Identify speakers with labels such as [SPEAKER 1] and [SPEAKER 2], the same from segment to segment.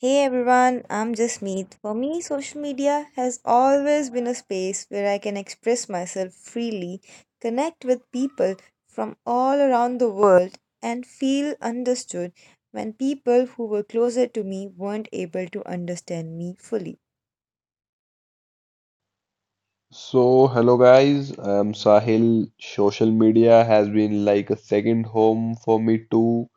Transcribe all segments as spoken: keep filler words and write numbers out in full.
[SPEAKER 1] Hey everyone, I'm Jasmeet. For me, social media has always been a space where I can express myself freely, connect with people from all around the world, and feel understood when people who were closer to me weren't able to understand me fully.
[SPEAKER 2] So, hello guys. I'm Sahil, social media has been like a second home for me too.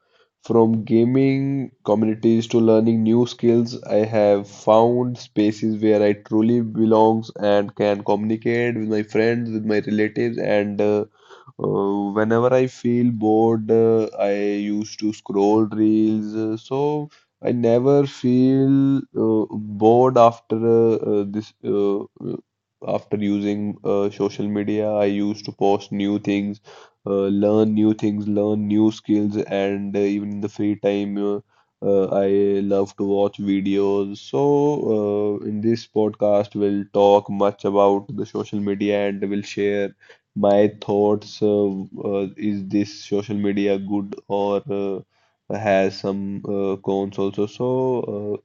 [SPEAKER 2] From gaming communities to learning new skills, I have found spaces where I truly belongs and can communicate with my friends, with my relatives, and uh, uh, whenever I feel bored, uh, I used to scroll reels. uh, So I never feel uh, bored after uh, uh, this uh, after using uh, social media. I used to post new things, uh, learn new things, learn new skills, and uh, even in the free time, uh, uh, I love to watch videos. So, uh, in this podcast, we'll talk much about the social media and we'll share my thoughts. Uh, uh, is this social media good or uh, has some uh, cons also? So, uh,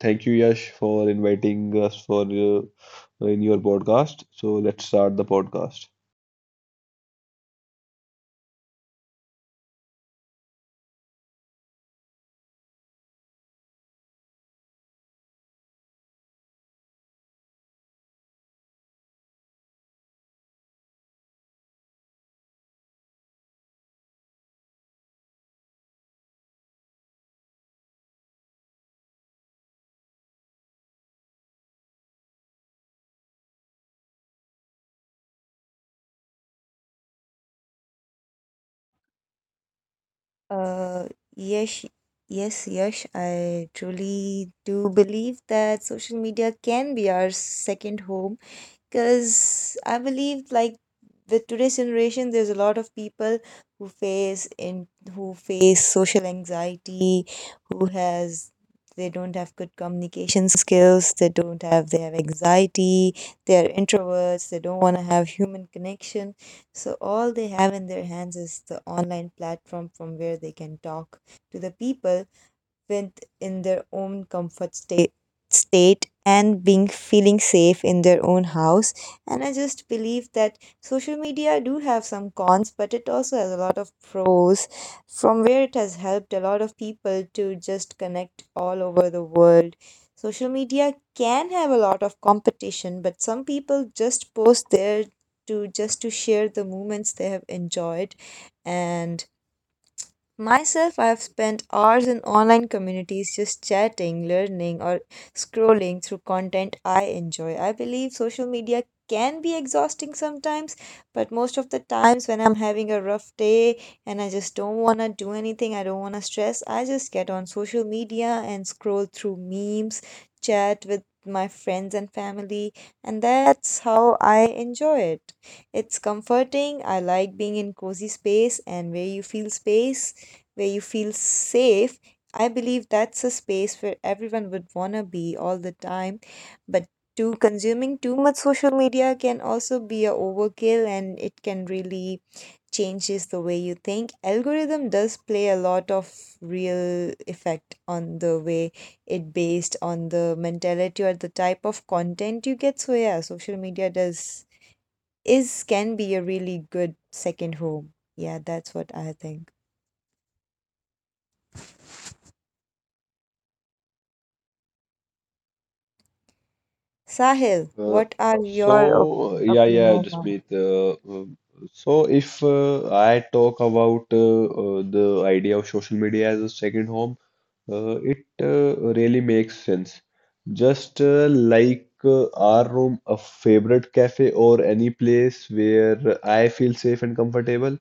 [SPEAKER 2] thank you, Yash, for inviting us for uh, in your podcast. So let's start the podcast.
[SPEAKER 1] Uh, yes, yes, yes, I truly do believe that social media can be our second home, because I believe, like, with today's generation, there's a lot of people who face in who face social anxiety, who has they don't have good communication skills, they don't have they have anxiety, they're introverts, they don't want to have human connection, so all they have in their hands is the online platform, from where they can talk to the people with in their own comfort state state, and being feeling safe in their own house. And I just believe that social media do have some cons, but it also has a lot of pros, from where it has helped a lot of people to just connect all over the world. Social media can have a lot of competition, but some people just post there to just to share the moments they have enjoyed. And myself, I've spent hours in online communities just chatting, learning, or scrolling through content I enjoy. I believe social media can be exhausting sometimes, but most of the times when I'm having a rough day and I just don't want to do anything, I don't want to stress, I just get on social media and scroll through memes, chat with my friends and family, and that's how I enjoy it. It's comforting. I like being in cozy space, and where you feel space where you feel safe. I believe that's a space where everyone would want to be all the time. But too consuming too much social media can also be a overkill, and it can really changes the way you think. Algorithm does play a lot of real effect on the way it based on the mentality or the type of content you get. So yeah, social media does is can be a really good second home. Yeah, that's what I think. Sahil,
[SPEAKER 2] Uh,
[SPEAKER 1] what are your op-
[SPEAKER 2] so yeah, yeah,
[SPEAKER 1] opinion on
[SPEAKER 2] Jasmeet.
[SPEAKER 1] it?
[SPEAKER 2] Uh, um, so if uh, I talk about uh, uh, the idea of social media as a second home, Uh, it uh, really makes sense. Just uh, like uh, our room, a favorite cafe or any place where I feel safe and comfortable,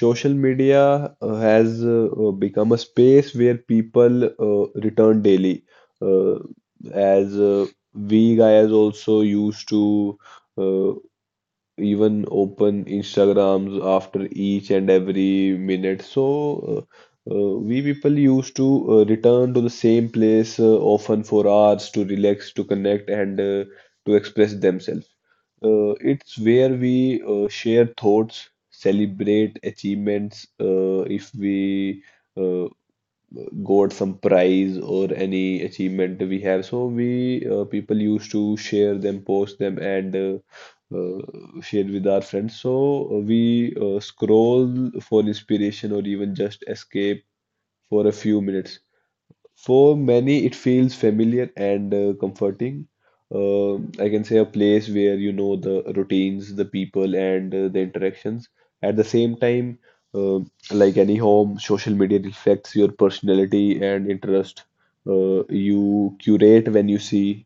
[SPEAKER 2] social media uh, has uh, uh, become a space where people uh, return daily. Uh, as uh, we guys also used to uh, even open Instagrams after each and every minute. So uh, uh, we people used to uh, return to the same place uh, often for hours to relax, to connect, and uh, to express themselves. Uh, it's where we uh, share thoughts, celebrate achievements, uh, if we uh, got some prize or any achievement we have. So we uh, people used to share them, post them, and uh, uh, share with our friends. So uh, we uh, scroll for inspiration or even just escape for a few minutes. For many, it feels familiar and uh, comforting. Uh, I can say a place where you know the routines, the people, and uh, the interactions. At the same time, uh, like any home, social media reflects your personality and interest. Uh, you curate when you see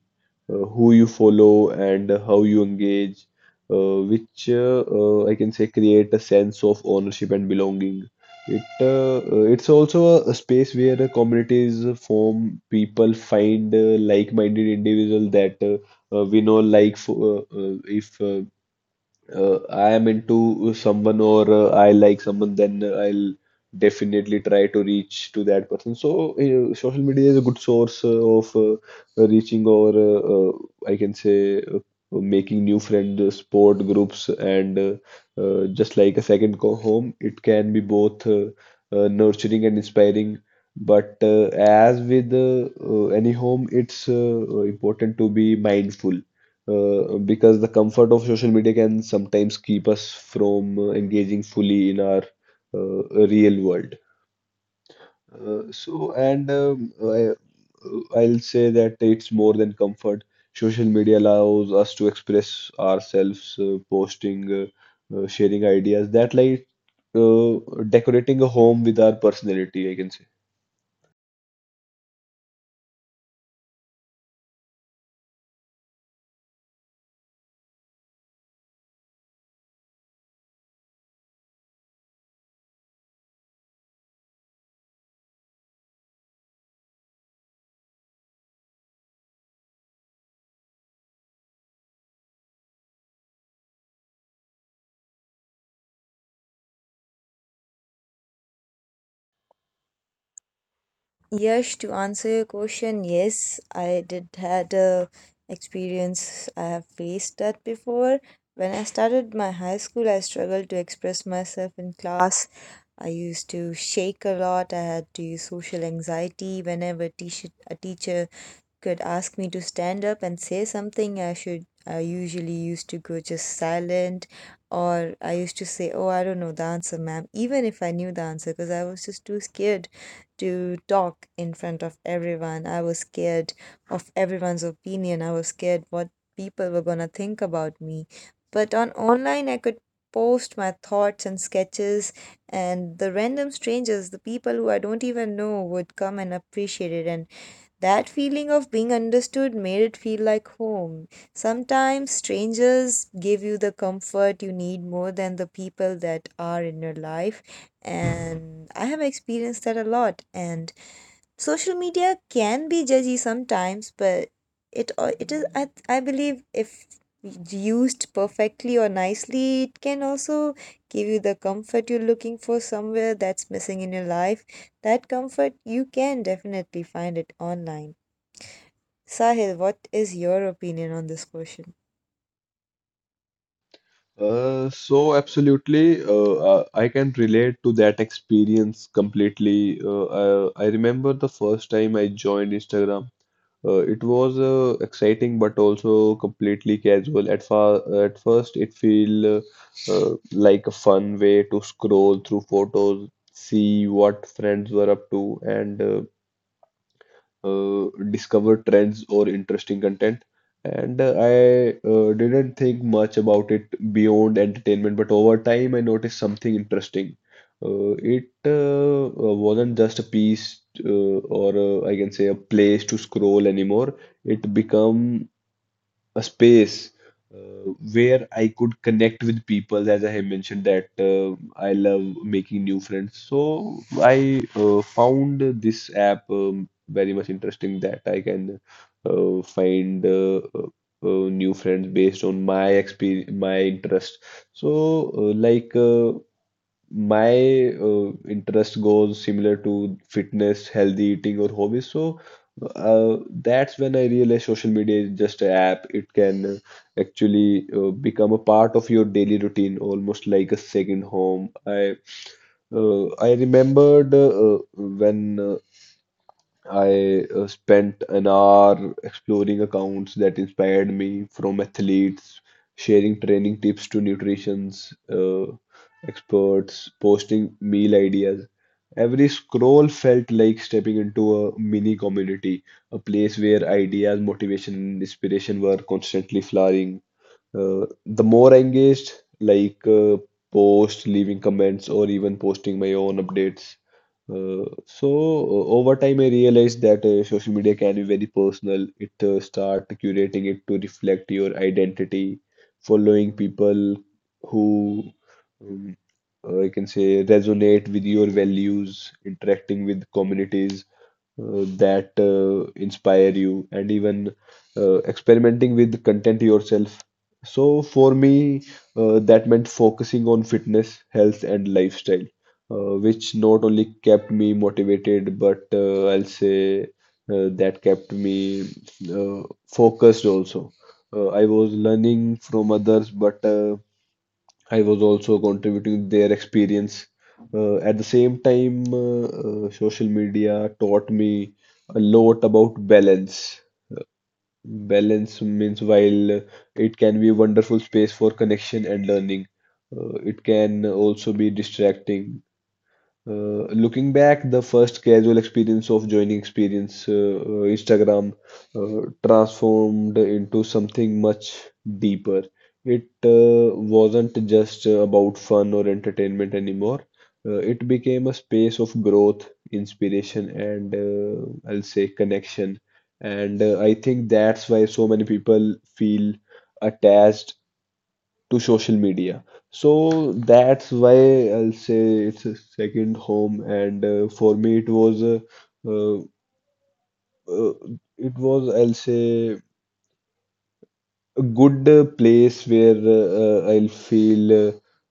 [SPEAKER 2] uh, who you follow and how you engage, uh, which uh, uh, I can say create a sense of ownership and belonging. It uh, uh, it's also a, a space where the communities form, people find uh, like-minded individuals that uh, uh, we know like for, uh, uh, if uh, uh, I am into someone or uh, I like someone, then uh, I'll definitely try to reach to that person. So, uh, social media is a good source uh, of uh, reaching or uh, uh, I can say uh, making new friend uh, sport groups and uh, uh, just like a second go home, it can be both uh, uh, nurturing and inspiring. But uh, as with uh, uh, any home, it's uh, important to be mindful uh, because the comfort of social media can sometimes keep us from uh, engaging fully in our uh, real world. Uh, so, and um, I, uh, I'll say that it's more than comfort. Social media allows us to express ourselves, uh, posting, uh, uh, sharing ideas. That like uh, decorating a home with our personality, I can say.
[SPEAKER 1] Yes, to answer your question, yes, I did had a experience. I have faced that before. When I started my high school, I struggled to express myself in class. I used to shake a lot. I had to use social anxiety whenever teach- a teacher could ask me to stand up and say something. I should i usually used to go just silent, or I used to say, oh, I don't know the answer, ma'am, even if I knew the answer, because I was just too scared to talk in front of everyone. I was scared of everyone's opinion. I was scared what people were going to think about me. But on online, I could post my thoughts and sketches, and the random strangers, the people who I don't even know, would come and appreciate it, and that feeling of being understood made it feel like home. Sometimes strangers give you the comfort you need more than the people that are in your life, and I have experienced that a lot. And social media can be judgy sometimes, but it al- it is I, I believe if used perfectly or nicely, it can also give you the comfort you're looking for somewhere that's missing in your life. That comfort you can definitely find it online. Sahil, what is your opinion on this question?
[SPEAKER 2] Uh, so absolutely, uh, uh, I can relate to that experience completely. Uh, uh, I remember the first time I joined Instagram. Uh, it was uh, exciting, but also completely casual. At far, at first, it feel uh, uh, like a fun way to scroll through photos, see what friends were up to, and uh, uh, discover trends or interesting content. And uh, I uh, didn't think much about it beyond entertainment, but over time I noticed something interesting. Uh, it uh, uh, wasn't just a piece uh, or uh, I can say a place to scroll anymore. It become a space uh, where I could connect with people, as I have mentioned that uh, I love making new friends. So I uh, found this app um, very much interesting that I can uh, find uh, uh, uh, new friends based on my experience, my interest. So uh, like uh, my uh, interest goes similar to fitness, healthy eating, or hobbies. So uh, that's when I realized social media is just an app. It can uh, actually uh, become a part of your daily routine, almost like a second home. I uh, I remembered uh, when uh, I uh, spent an hour exploring accounts that inspired me from athletes, sharing training tips to nutrition's uh, experts, posting meal ideas. Every scroll felt like stepping into a mini community, a place where ideas, motivation, and inspiration were constantly flowering. Uh, the more I engaged, like uh, posts, leaving comments, or even posting my own updates, uh, so uh, over time, I realized that uh, social media can be very personal. It uh, start curating it to reflect your identity, following people who um, uh, I can say resonate with your values, interacting with communities uh, that uh, inspire you and even uh, experimenting with content yourself. So for me, uh, that meant focusing on fitness, health, and lifestyle, uh, which not only kept me motivated, but uh, I'll say uh, that kept me uh, focused also. Uh, I was learning from others, but uh, I was also contributing their experience. Uh, at the same time, uh, uh, social media taught me a lot about balance. Balance means while it can be a wonderful space for connection and learning, uh, it can also be distracting. Uh, looking back, the first casual experience of joining experience uh, uh, Instagram uh, transformed into something much deeper. It uh, wasn't just uh, about fun or entertainment anymore. Uh, it became a space of growth, inspiration, and uh, I'll say connection. And uh, I think that's why so many people feel attached to social media. So that's why I'll say it's a second home, and uh, for me it was a, uh, uh, it was I'll say a good uh, place where uh, uh, I'll feel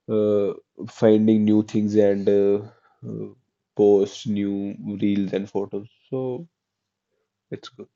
[SPEAKER 2] uh, uh, finding new things and uh, uh, post new reels and photos. So it's good.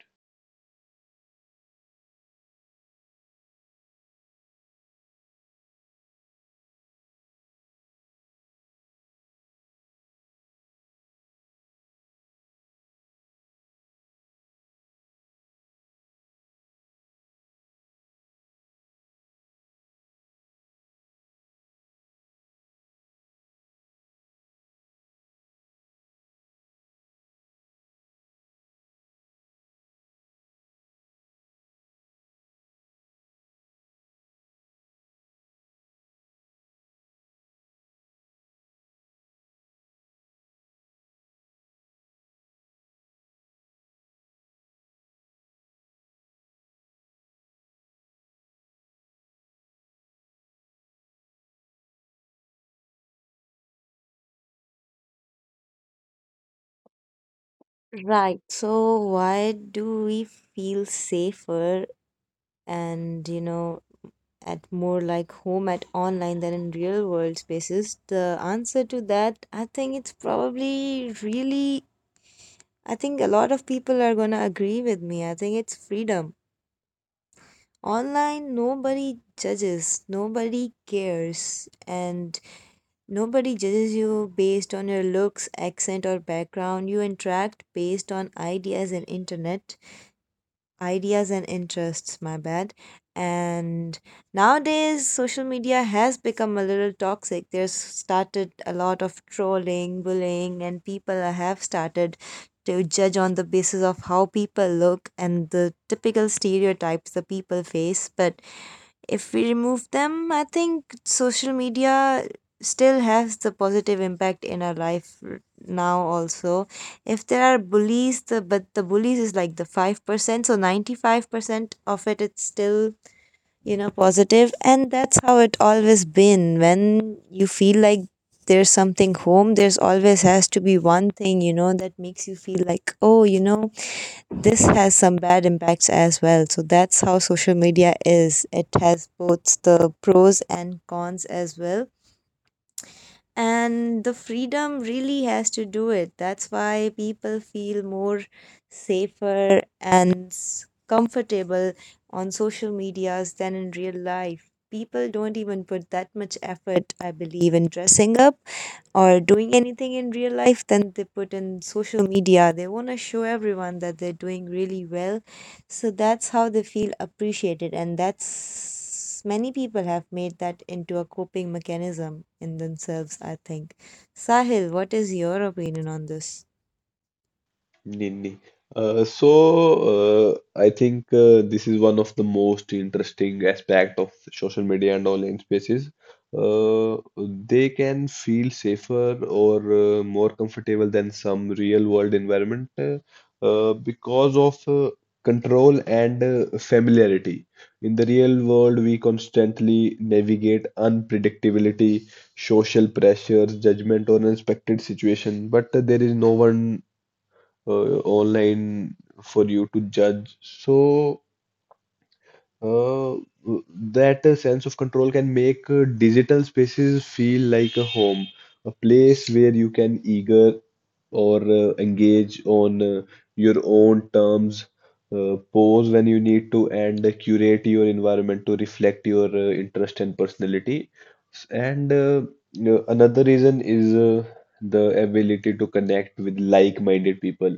[SPEAKER 1] Right. So why do we feel safer and, you know, at more like home at online than in real world spaces? The answer to that, I think it's probably really, I think a lot of people are gonna agree with me. I think it's freedom. Online, nobody judges, nobody cares, and nobody judges you based on your looks, accent, or background. You interact based on ideas and internet, ideas and interests, my bad. And nowadays, social media has become a little toxic. There's started a lot of trolling, bullying, and people have started to judge on the basis of how people look and the typical stereotypes the people face. But if we remove them, I think social media still has the positive impact in our life r- now also. If there are bullies, the but the bullies is like the five percent, so ninety-five percent of it it's still, you know, positive, and that's how it always been. When you feel like there's something home, there's always has to be one thing, you know, that makes you feel like, oh, you know, this has some bad impacts as well. So that's how social media is. It has both the pros and cons as well. And the freedom really has to do it. That's why people feel more safer and s- comfortable on social medias than in real life. People don't even put that much effort, I believe, in dressing up or doing anything in real life then they put in social media. They want to show everyone that they're doing really well, so that's how they feel appreciated, and that's many people have made that into a coping mechanism in themselves. I think. Sahil, what is your opinion on this?
[SPEAKER 2] Nini. Uh, so uh, I think uh, this is one of the most interesting aspect of social media and online spaces. Uh, they can feel safer or uh, more comfortable than some real world environment uh, uh, because of uh, control and uh, familiarity. In the real world, we constantly navigate unpredictability, social pressures, judgment, or unexpected situation, but uh, there is no one uh, online for you to judge. So uh, that uh, sense of control can make uh, digital spaces feel like a home, a place where you can eager or uh, engage on uh, your own terms, uh, pause when you need to, and uh, curate your environment to reflect your uh, interest and personality. S- And uh, you know, another reason is uh, the ability to connect with like-minded people.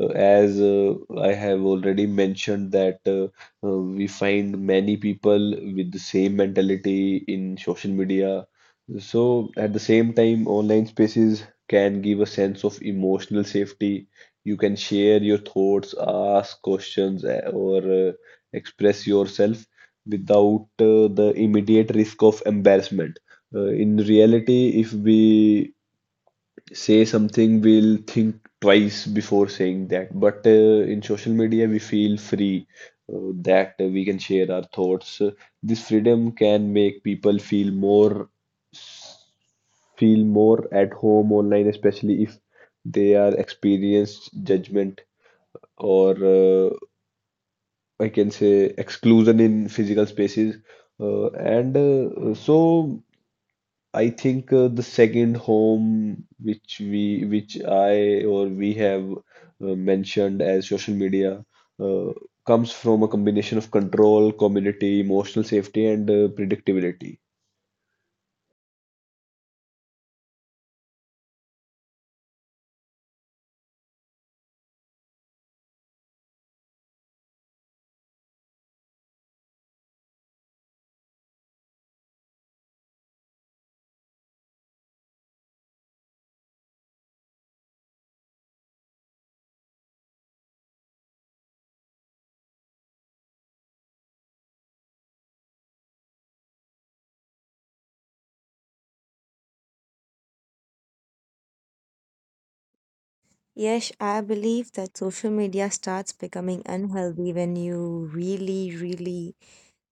[SPEAKER 2] Uh, as uh, I have already mentioned that. Uh, uh, we find many people with the same mentality in social media. So, at the same time, online spaces can give a sense of emotional safety. You can share your thoughts, ask questions, uh, or uh, express yourself without uh, the immediate risk of embarrassment. Uh, in reality, if we say something, we'll think twice before saying that. But uh, in social media, we feel free uh, that we can share our thoughts. This freedom can make people feel more feel more at home online, especially if they are experienced judgment or uh, I can say exclusion in physical spaces. Uh, and uh, so I think uh, the second home which we which I or we have uh, mentioned as social media uh, comes from a combination of control, community, emotional safety, and uh, predictability.
[SPEAKER 1] Yes, I believe that social media starts becoming unhealthy when you really, really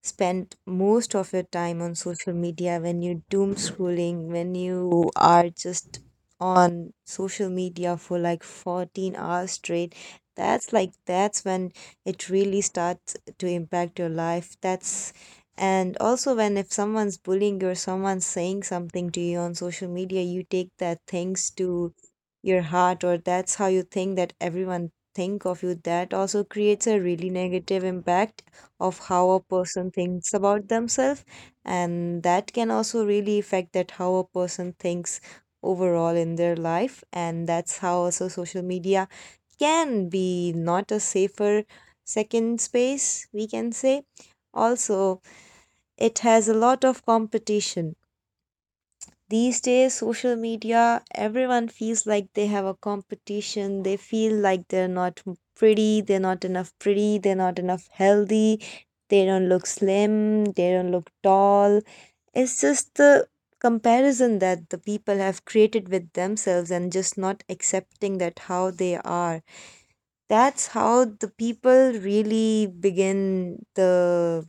[SPEAKER 1] spend most of your time on social media, when you doom scrolling, when you are just on social media for like fourteen hours straight. That's like that's when it really starts to impact your life. That's and also when, if someone's bullying you or someone's saying something to you on social media, you take that things to your heart, or that's how you think that everyone think of you, that also creates a really negative impact of how a person thinks about themselves, and that can also really affect that how a person thinks overall in their life. And that's how also social media can be not a safer second space, we can say. Also, it has a lot of competition these days. Social media, everyone feels like they have a competition. They feel like they're not m- pretty, they're not enough pretty, they're not enough healthy, they don't look slim, they don't look tall. It's just the comparison that the people have created with themselves and just not accepting that how they are. That's how the people really begin the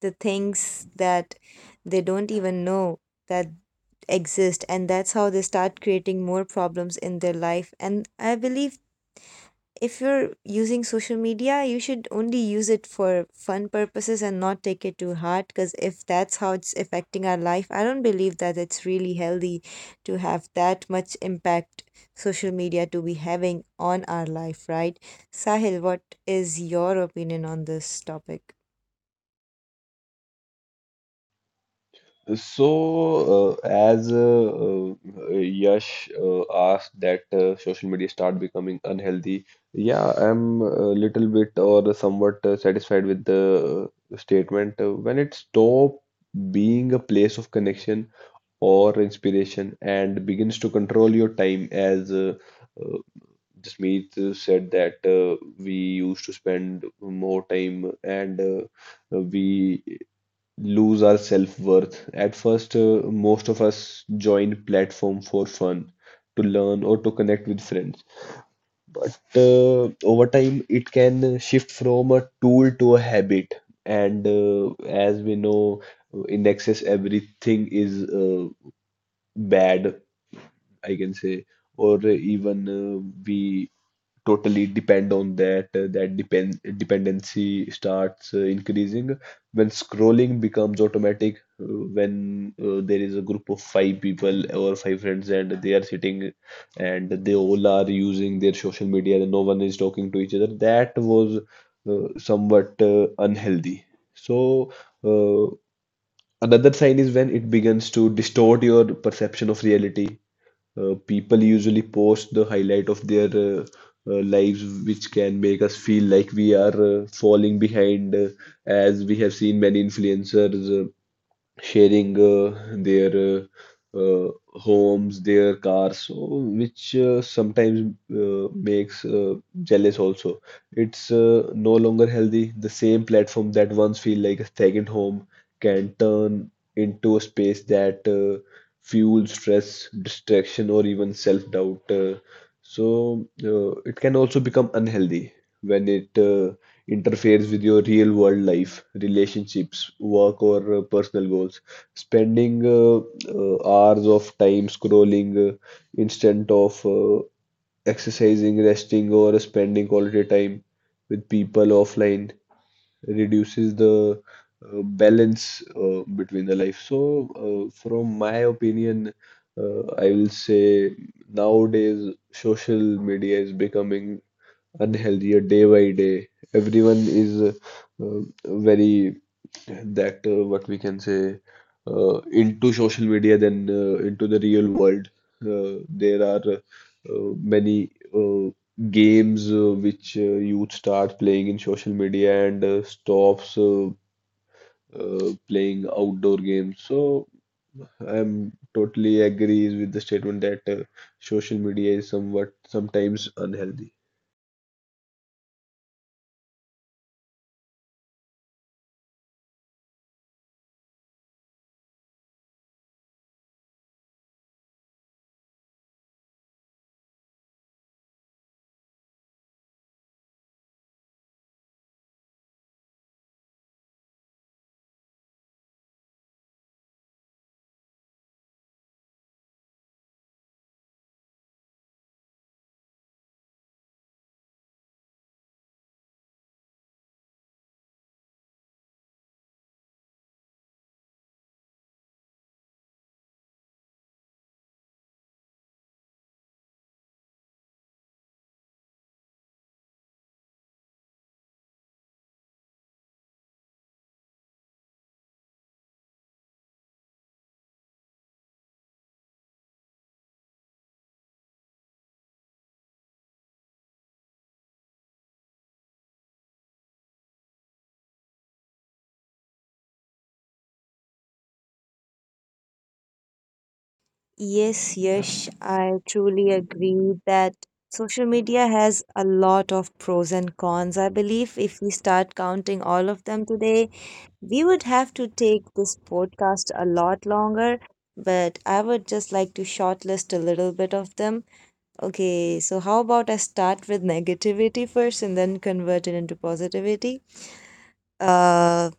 [SPEAKER 1] the things that they don't even know that exist, and that's how they start creating more problems in their life. And I believe if you're using social media, you should only use it for fun purposes and not take it to heart, because if that's how it's affecting our life, I don't believe that it's really healthy to have that much impact social media to be having on our life. Right, Sahil, what is your opinion on this topic?
[SPEAKER 2] So, uh, as uh, uh, Yash uh, asked that uh, social media start becoming unhealthy, yeah, I'm a little bit or somewhat uh, satisfied with the uh, statement. Uh, when it stop being a place of connection or inspiration and begins to control your time as uh, uh, Jasmeet uh, said that uh, we used to spend more time and uh, we lose our self-worth. At first, uh, most of us join platform for fun, to learn or to connect with friends. But uh, over time, it can shift from a tool to a habit. And uh, as we know, in excess, everything is uh, bad I can say, or even uh, we totally depend on that. uh, that depend dependency starts uh, increasing when scrolling becomes automatic. uh, when uh, there is a group of five people or five friends and they are sitting and they all are using their social media and no one is talking to each other. That was uh, somewhat uh, unhealthy. So. Uh, Another sign is when it begins to distort your perception of reality. Uh, people usually post the highlight of their uh, uh, lives, which can make us feel like we are uh, falling behind, uh, as we have seen many influencers uh, sharing uh, their uh, uh, homes, their cars, so which uh, sometimes uh, makes uh, jealous also. It's uh, no longer healthy. The same platform that once feel like a second home can turn into a space that uh, fuels stress, distraction, or even self-doubt. Uh, so uh, it can also become unhealthy when it uh, interferes with your real world life, relationships, work, or uh, personal goals. Spending uh, uh, hours of time scrolling uh, instead of uh, exercising, resting, or spending quality time with people offline reduces the uh, balance uh, between the life. So, uh, from my opinion, uh, I will say nowadays social media is becoming unhealthier day by day. Everyone is uh, um, very that uh, what we can say uh, into social media than uh, into the real world. Uh, there are uh, many uh, games uh, which uh, youth start playing in social media and uh, stops uh, uh, playing outdoor games. So I'm totally agrees with the statement that uh, social media is somewhat sometimes unhealthy.
[SPEAKER 1] Yes, yes, I truly agree that social media has a lot of pros and cons. I believe if we start counting all of them today, we would have to take this podcast a lot longer, but I would just like to shortlist a little bit of them. Okay, so how about I start with negativity first and then convert it into positivity? Uh,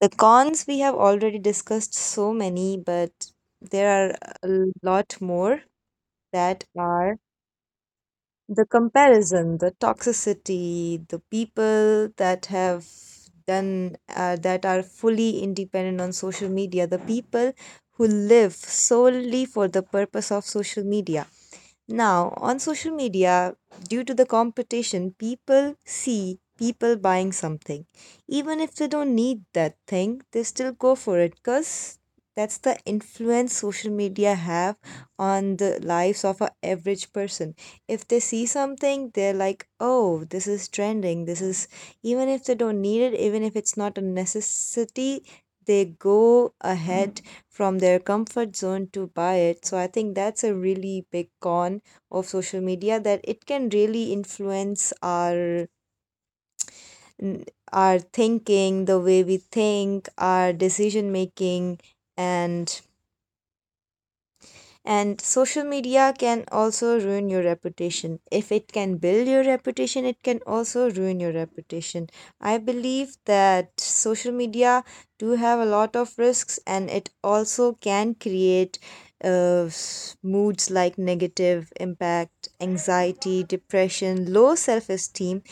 [SPEAKER 1] the cons we have already discussed so many, but there are a lot more, that are the comparison, the toxicity, the people that have done uh, that are fully independent on social media, the people who live solely for the purpose of social media. Now, on social media, due to the competition, people see people buying something. Even if they don't need that thing, they still go for it because that's the influence social media have on the lives of an average person. If they see something, they're like, "Oh, this is trending. This is," even if they don't need it, even if it's not a necessity, they go ahead from their comfort zone to buy it. So I think that's a really big con of social media, that it can really influence our n- our thinking, the way we think, our decision making. and And social media can also ruin your reputation. If it can build your reputation, it can also ruin your reputation. I believe that social media do have a lot of risks, and it also can create uh, s- moods, like negative impact, anxiety, depression, low self-esteem,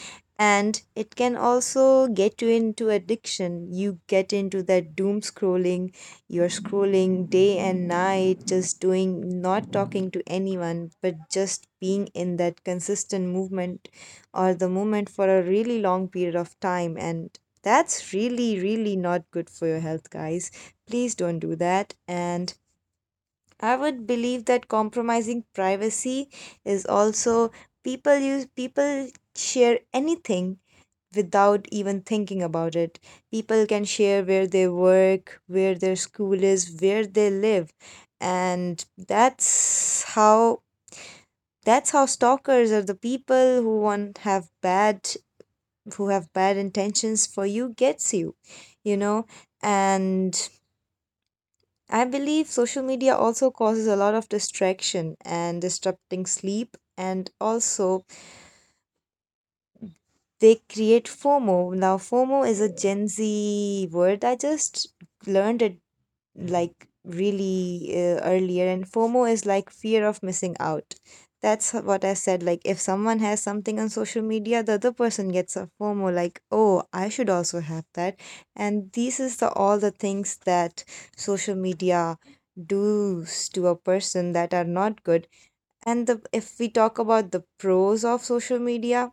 [SPEAKER 1] and it can also get you into addiction. You get into that doom scrolling, you're scrolling day and night, just doing, not talking to anyone, but just being in that consistent movement or the movement for a really long period of time. And that's really, really not good for your health, guys. Please don't do that. And I would believe that compromising privacy is also, people use, people share anything without even thinking about it. People can share where they work, where their school is, where they live. And that's how, that's how stalkers or the people who want have bad, who have bad intentions for you gets you, you know? And I believe social media also causes a lot of distraction and disrupting sleep, and also they create FOMO. Now, FOMO is a Gen Z word. I just learned it like really uh, earlier, and FOMO is like fear of missing out. That's h- what I said. Like, if someone has something on social media, the other person gets a FOMO, like, oh, I should also have that. And these is the all the things that social media does to a person that are not good. And the if we talk about the pros of social media,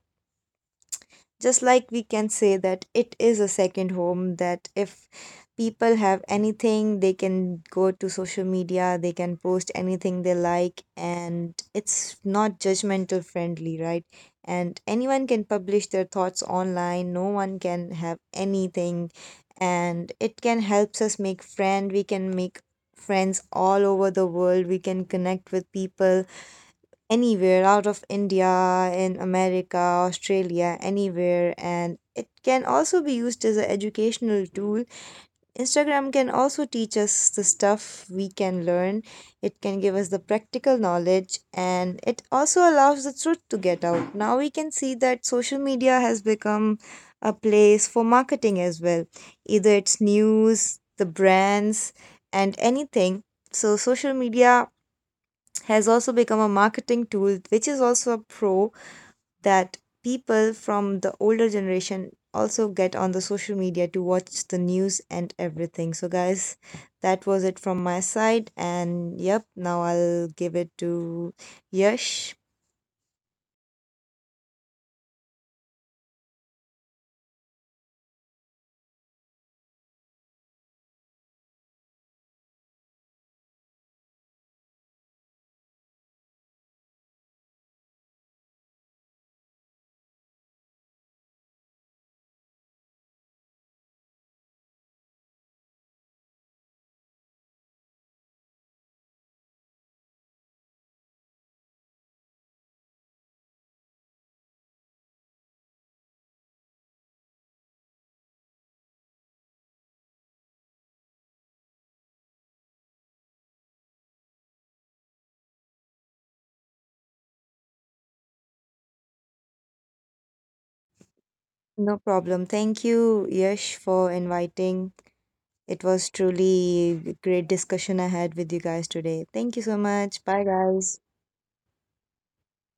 [SPEAKER 1] just like we can say that it is a second home, that if people have anything, they can go to social media, they can post anything they like, and it's not judgmental friendly, right? And anyone can publish their thoughts online, no one can have anything, and it can helps us make friend. We can make friends all over the world, we can connect with people anywhere out of India, in America, Australia, anywhere. And it can also be used as an educational tool. Instagram can also teach us the stuff we can learn, it can give us the practical knowledge, and it also allows the truth to get out. Now we can see that social media has become a place for marketing as well, either it's news, the brands, and anything. So, social media has also become a marketing tool, which is also a pro, that people from the older generation also get on the social media to watch the news and everything. So, guys, that was it from my side. And yep, now I'll give it to Yash. No problem. Thank you, Yash, for inviting. It was truly a great discussion I had with you guys today. Thank you so much. Bye, guys.